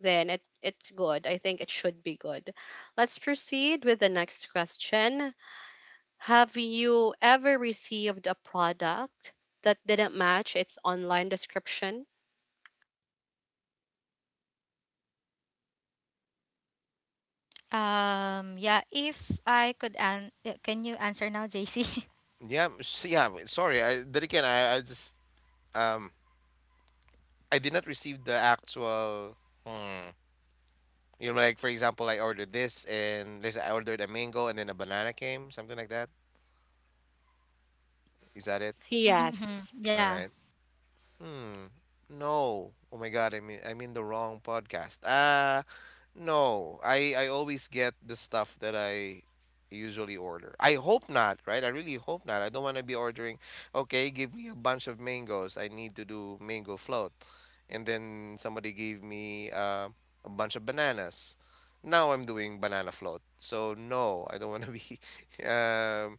then it it's good. I think it should be good. Let's proceed with the next question. Have you ever received a product that didn't match its online description? Yeah. If I could can you answer now, JC? Yeah, yeah. Sorry, I then again, I just um I did not receive the actual. Hmm, you know, like for example, I ordered this and let's say I ordered a mango and then a banana came, something like that. Is that it? Mm-hmm. Yes. Yeah. All right. Hmm. No. Oh my God, I mean the wrong podcast. No. I always get the stuff that I usually order. I hope not, right? I really hope not. I don't want to be ordering, okay, give me a bunch of mangoes. I need to do mango float. And then somebody gave me a bunch of bananas. Now I'm doing banana float. So no, I don't want to be um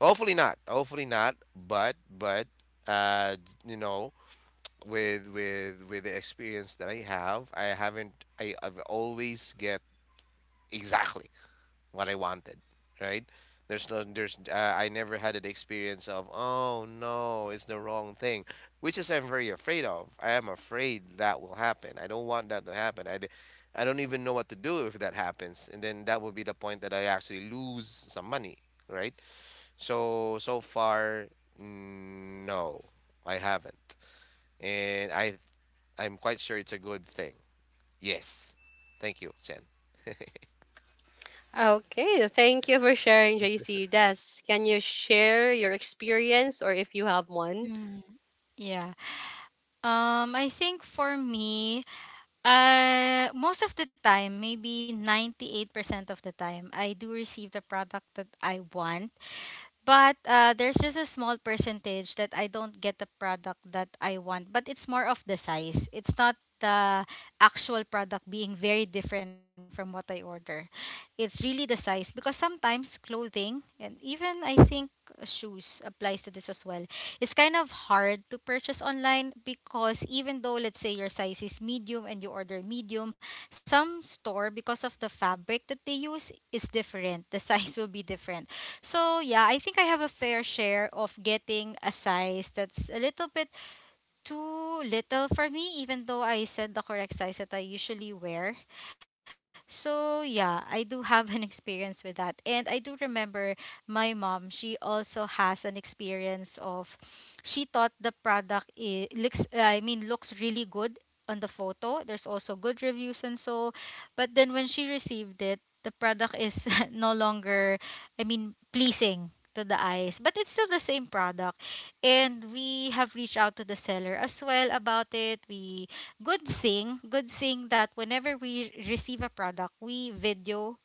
hopefully not. Hopefully not, but uh you know with the experience that I have, I haven't I, I've always get exactly what I wanted, right? There's no there's I never had an experience of oh no, it's the wrong thing, which is I'm very afraid of. I am afraid that will happen. I don't want that to happen. I don't even know what to do if that happens, and then that would be the point that I actually lose some money, right? So so far, no, I haven't, and I I'm quite sure it's a good thing. Yes. Thank you, Chen. Okay, thank you for sharing, JC. Des, can you share your experience or if you have one? Mm. Yeah. I think for me, most of the time, maybe 98% of the time, I do receive the product that I want. But there's just a small percentage that I don't get the product that I want. But it's more of the size. It's not the actual product being very different from what I order. It's really the size because sometimes clothing, and even I think shoes applies to this as well. It's kind of hard to purchase online because even though let's say your size is medium and you order medium, some store, because of the fabric that they use, is different. The size will be different. So yeah, I think I have a fair share of getting a size that's a little bit too little for me, even though I said the correct size that I usually wear. So, yeah, I do have an experience with that. And I do remember my mom, she also has an experience of she thought the product looks, I mean, looks really good on the photo. There's also good reviews and so, but then when she received it, the product is no longer, I mean, pleasing to the eyes, but it's still the same product. And we have reached out to the seller as well about it. We good thing that whenever we receive a product, we video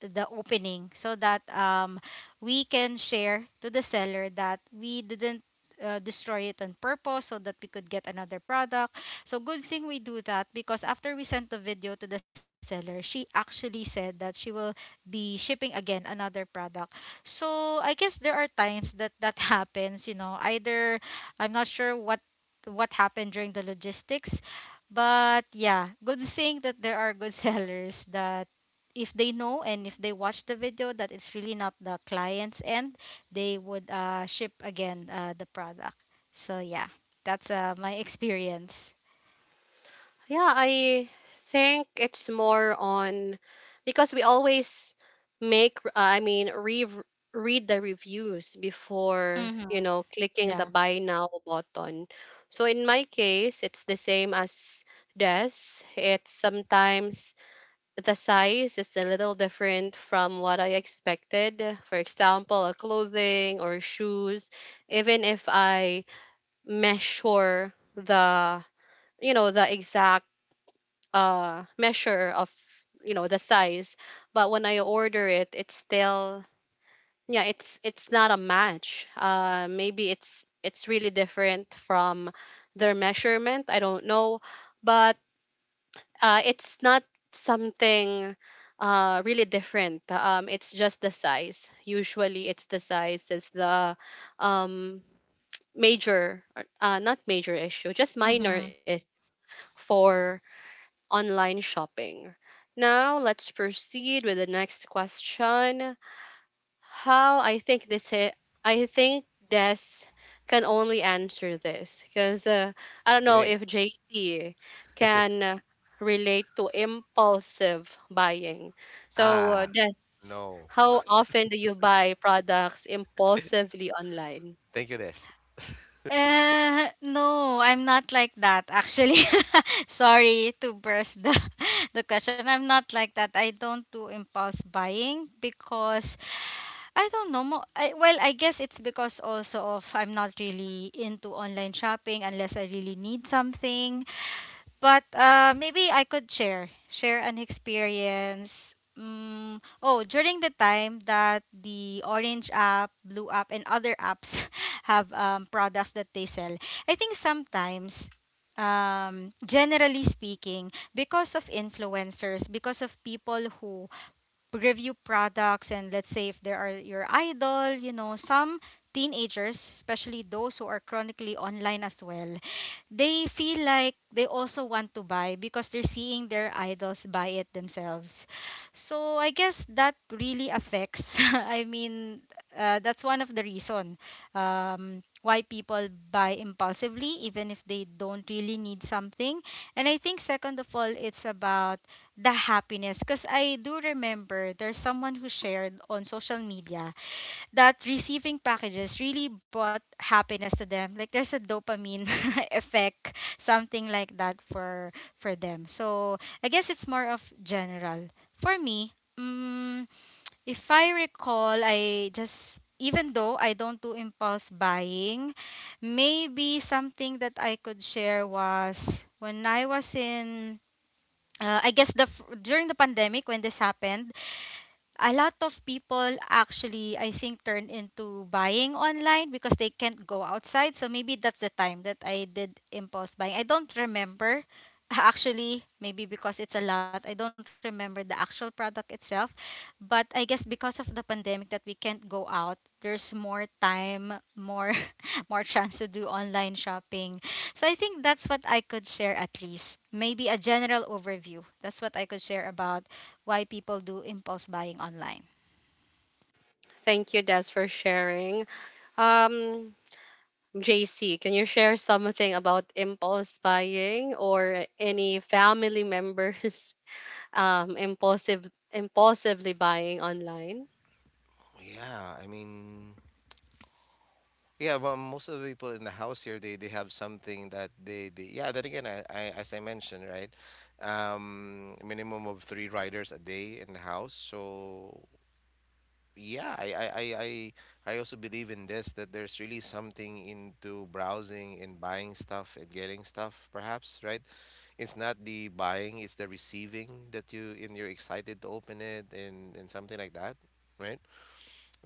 the opening, so that we can share to the seller that we didn't destroy it on purpose, so that we could get another product. So good thing we do that because after we sent the video to the seller, she actually said that she will be shipping again another product. So I guess there are times that that happens, you know, either I'm not sure what happened during the logistics, but yeah, good thing that there are good sellers that if they know and if they watch the video that it's really not the client's end, they would ship again the product. So yeah, that's my experience. Yeah, I think it's more on, because we always make, I mean, read the reviews before, Mm-hmm. you know, clicking the Yeah. buy now button. So in my case, it's the same as Des. It's sometimes the size is a little different from what I expected. For example, a clothing or shoes, even if I measure the, you know, the exact, uh, measure of, you know, the size, but when I order it, it's still, yeah, it's not a match. Maybe it's really different from their measurement. I don't know, but, it's not something, really different. It's just the size. Usually, it's the size is the, um, major, or- not major issue, just minor Mm-hmm. issue for online shopping. Now, let's proceed with the next question. How, I think Des can only answer this, because, I don't know Great. if JC can, relate to impulsive buying. So, Ah, Des, no. how often do you buy products impulsively online? Thank you, Des. No, I'm not like that actually. Sorry to burst the, the question. I'm not like that. I don't do impulse buying because I don't know. Well, I guess it's because also of I'm not really into online shopping unless I really need something. But maybe I could share an experience. Mm, oh, during the time that the Orange app, Blue app, and other apps have products that they sell, I think sometimes, generally speaking, because of influencers, because of people who review products, and let's say if there are your idol, you know, some teenagers, especially those who are chronically online as well, they feel like they also want to buy because they're seeing their idols buy it themselves. So I guess that really affects. I mean, that's one of the reason why people buy impulsively, even if they don't really need something. And I think second of all, it's about the happiness, because I do remember there's someone who shared on social media that receiving packages really brought happiness to them, like there's a dopamine effect something like that for them. So I guess it's more of general for me. Mm, if I recall, I just, even though I don't do impulse buying, maybe something that I could share was when I was in I guess during the pandemic when this happened, a lot of people actually, I think, turn into buying online because they can't go outside. So maybe that's the time that I did impulse buying. I don't remember actually, maybe because it's a lot. I don't remember the actual product itself, but I guess because of the pandemic, that we can't go out, there's more time, more more chance to do online shopping. So I think that's what I could share, at least maybe a general overview, that's what I could share about why people do impulse buying online. Thank you, Des, for sharing. Um, JC, can you share something about impulse buying or any family members, um, impulsively buying online? Yeah, I mean, yeah, well, most of the people in the house here, they have something that they yeah, then again, as I mentioned, right? Minimum of three riders a day in the house. So yeah, I also believe in this that there's really something into browsing and buying stuff and getting stuff, perhaps, right? It's not the buying, it's the receiving that you and you're excited to open it and something like that, right?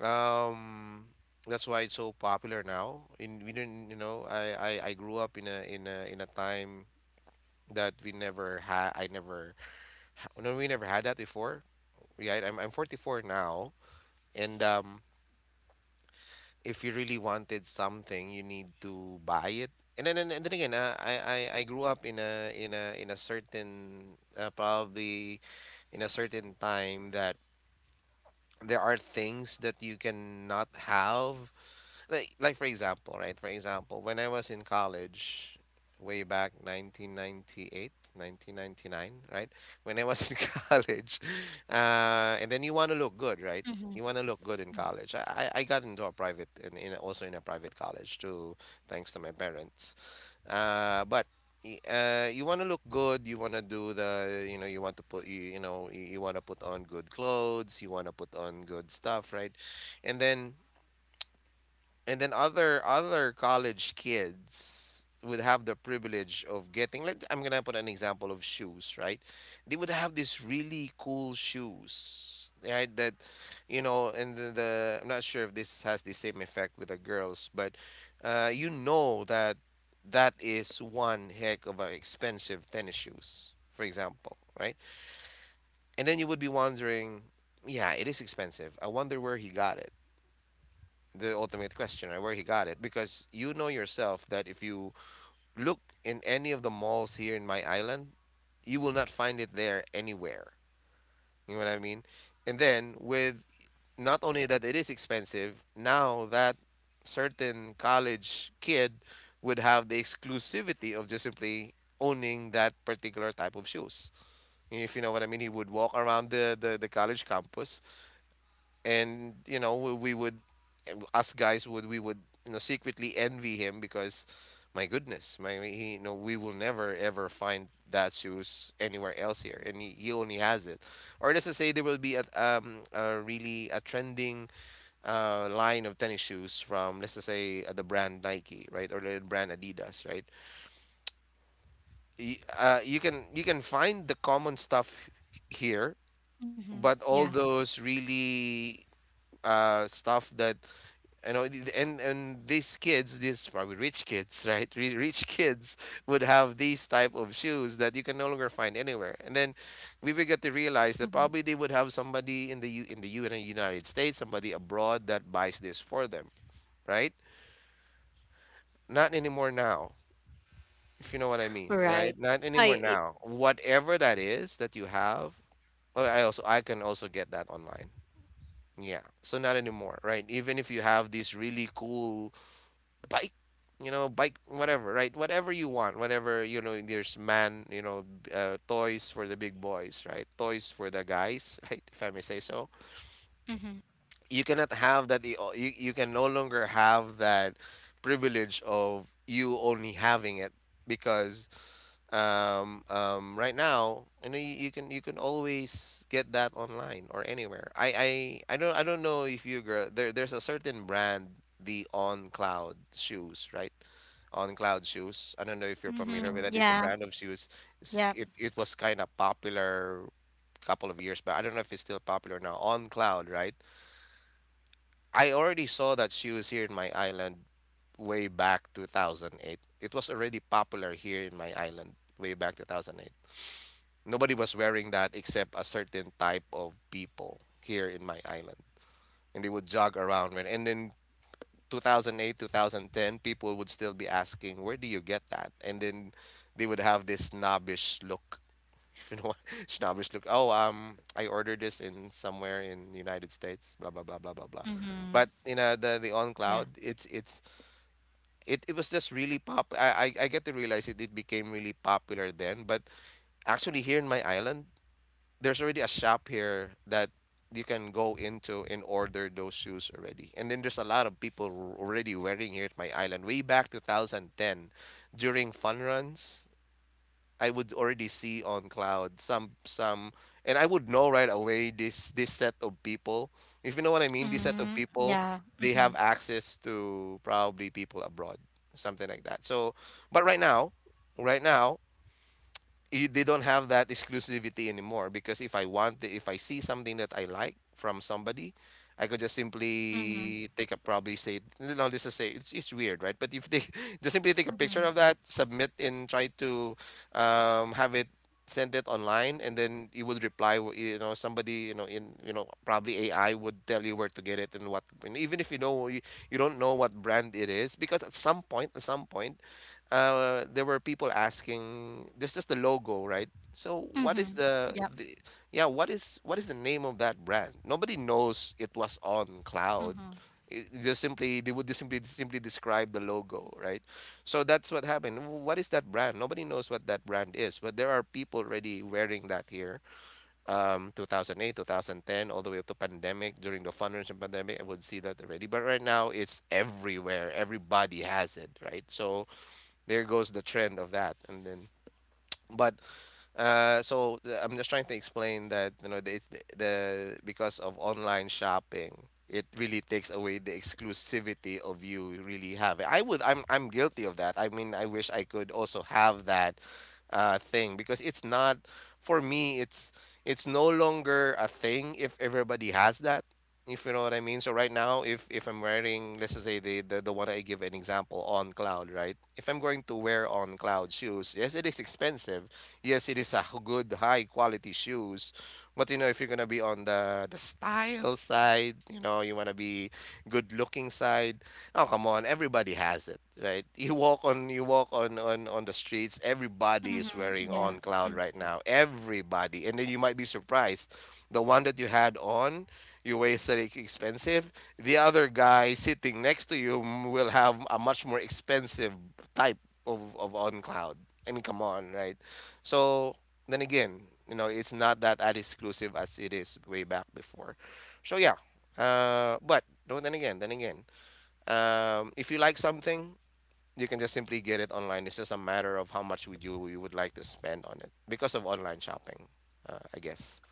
Um, that's why it's so popular now. In we didn't, you know, I grew up in a time that we never had. I never, ha- no, We never had that before. Yeah, I'm 44 now, and if you really wanted something, you need to buy it. And then again, I grew up in a certain probably in a certain time that there are things that you cannot have like for example, right? For example, when I was in college way back 1998, 1999, right? When I was in college, and then you want to look good, right? Mm-hmm. You want to look good in college. I got into a private and in, also in a private college too, thanks to my parents. Uh, but you want to look good. You want to do the, you know, you want to put, you know, you want to put on good clothes. You want to put on good stuff, right? And then and then other college kids would have the privilege of getting let I'm gonna put an example of shoes, right? They would have these really cool shoes. Right, that you know, and the I'm not sure if this has the same effect with the girls, but you know that that is one heck of an expensive tennis shoes, for example, right? And then you would be wondering, yeah, it is expensive. I wonder where he got it the ultimate question, right? Where he got it. Because you know yourself that if you look in any of the malls here in my island, you will not find it there anywhere. You know what I mean? And then with not only that it is expensive, now that certain college kid would have the exclusivity of just simply owning that particular type of shoes. If you know what I mean, he would walk around the college campus and you know we would us guys would you know secretly envy him because my goodness my he you know we will never ever find that shoes anywhere else here and he only has it. Or let's just say there will be a really a trending line of tennis shoes from let's just say the brand Nike, right? Or the brand Adidas, right? You can you can find the common stuff here, Mm-hmm. but Yeah. all those really stuff that you know and these probably rich kids right. Rich kids would have these type of shoes that you can no longer find anywhere, and then we would get to realize that Mm-hmm. probably they would have somebody in the U, in the U in the United States, somebody abroad, that buys this for them, right? Not anymore now, if you know what I mean, Right, right? Not anymore i. now, whatever that is that you have, oh, I can also get that online. Yeah, so not anymore, right? Even if you have these really cool bike bike whatever, right? Whatever you want, whatever, you know, there's man, you know, toys for the big boys, right? Toys for the guys right, if I may say so, Mm-hmm. you cannot have that. Oh, you can no longer have that privilege of you only having it, because right now, you know, you can always get that online or anywhere. I don't know if you girl there there's a certain brand, the On Cloud shoes, right? On Cloud shoes. I don't know if you're familiar Mm-hmm. with that. It's a Yeah. brand of shoes. Yep. It was kind of popular couple of years back. I don't know if it's still popular now. On Cloud, right? I already saw that shoes here in my island way back 2008. It was already popular here in my island way back 2008. Nobody was wearing that except a certain type of people here in my island. And they would jog around. And then 2008, 2010, people would still be asking, where do you get that? And then they would have this snobbish look. If you know what snobbish look. Oh, I ordered this in somewhere in United States, blah, blah, blah, blah, blah, blah. Mm-hmm. But you know the on Yeah. cloud, it was just really pop. I get to realize it it became really popular then. But actually here in my island, there's already a shop here that you can go into and order those shoes already. And then there's a lot of people already wearing here at my island. Way back 2010, during fun runs, I would already see on cloud some, and I would know right away this set of people. If you know what I mean, this set of Mm. people, Yeah. they Mm-hmm. have access to probably people abroad, something like that. So, but right now, right now they don't have that exclusivity anymore, because if I want if I see something that I like from somebody I could just Mm-hmm. simply take a probably say no, this is say it's weird right but if they just simply take a Mm-hmm. picture of that submit and try to have it send it online, and then you would reply you know somebody you know in you know probably AI would tell you where to get it and what, and even if you know you, you don't know what brand it is, because at some point there were people asking this is the logo, right? So what Mm-hmm. is Yep. the yeah, what is the name of that brand? Nobody knows, it was on cloud. Mm-hmm. It just simply they would just simply simply describe the logo, right? So that's what happened. W- What is that brand? Nobody knows what that brand is, but there are people already wearing that here. 2008, 2010, all the way up to pandemic. During the financial pandemic, I would see that already. But right now, it's everywhere. Everybody has it, right? So there goes the trend of that, and then but I'm just trying to explain that you know it's the because of online shopping, it really takes away the exclusivity of you really having. I would I'm guilty of that. I mean, I wish I could also have that thing because it's not for me. It's no longer a thing if everybody has that, if you know what I mean. So right now, if I'm wearing, let's just say the one I give an example on cloud, right? If I'm going to wear on cloud shoes, yes, it is expensive, yes, it is a good high quality shoes, but you know if you're gonna be on the style side, you know you wanna be good looking side. Oh come on, everybody has it, right? You walk on on the streets, everybody is Mm-hmm. wearing Yeah. on cloud right now, everybody, and then you might be surprised, the one that you had on. You wasted it expensive. The other guy sitting next to you will have a much more expensive type of on cloud. I mean, come on, right? So then again, you know, it's not that as exclusive as it is way back before. So yeah, but no, then again, if you like something, you can just simply get it online. It's just a matter of how much would you would like to spend on it because of online shopping, I guess.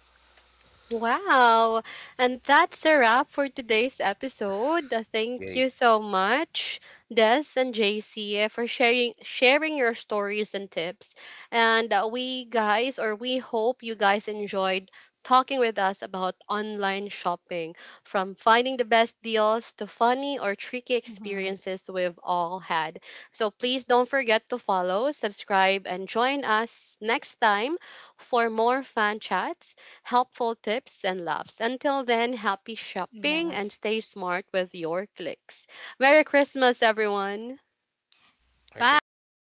Wow. And that's a wrap for today's episode. Thank Yay! you so much, Des and JC, for sharing your stories and tips. And, we hope you guys enjoyed talking with us about online shopping, from finding the best deals to funny or tricky Mm-hmm. experiences we've all had. So please don't forget to follow, subscribe and join us next time for more fan chats, helpful tips and laughs. Until then, happy Yeah. shopping and stay smart with your clicks. Merry Christmas, everyone! Merry Christmas. Bye.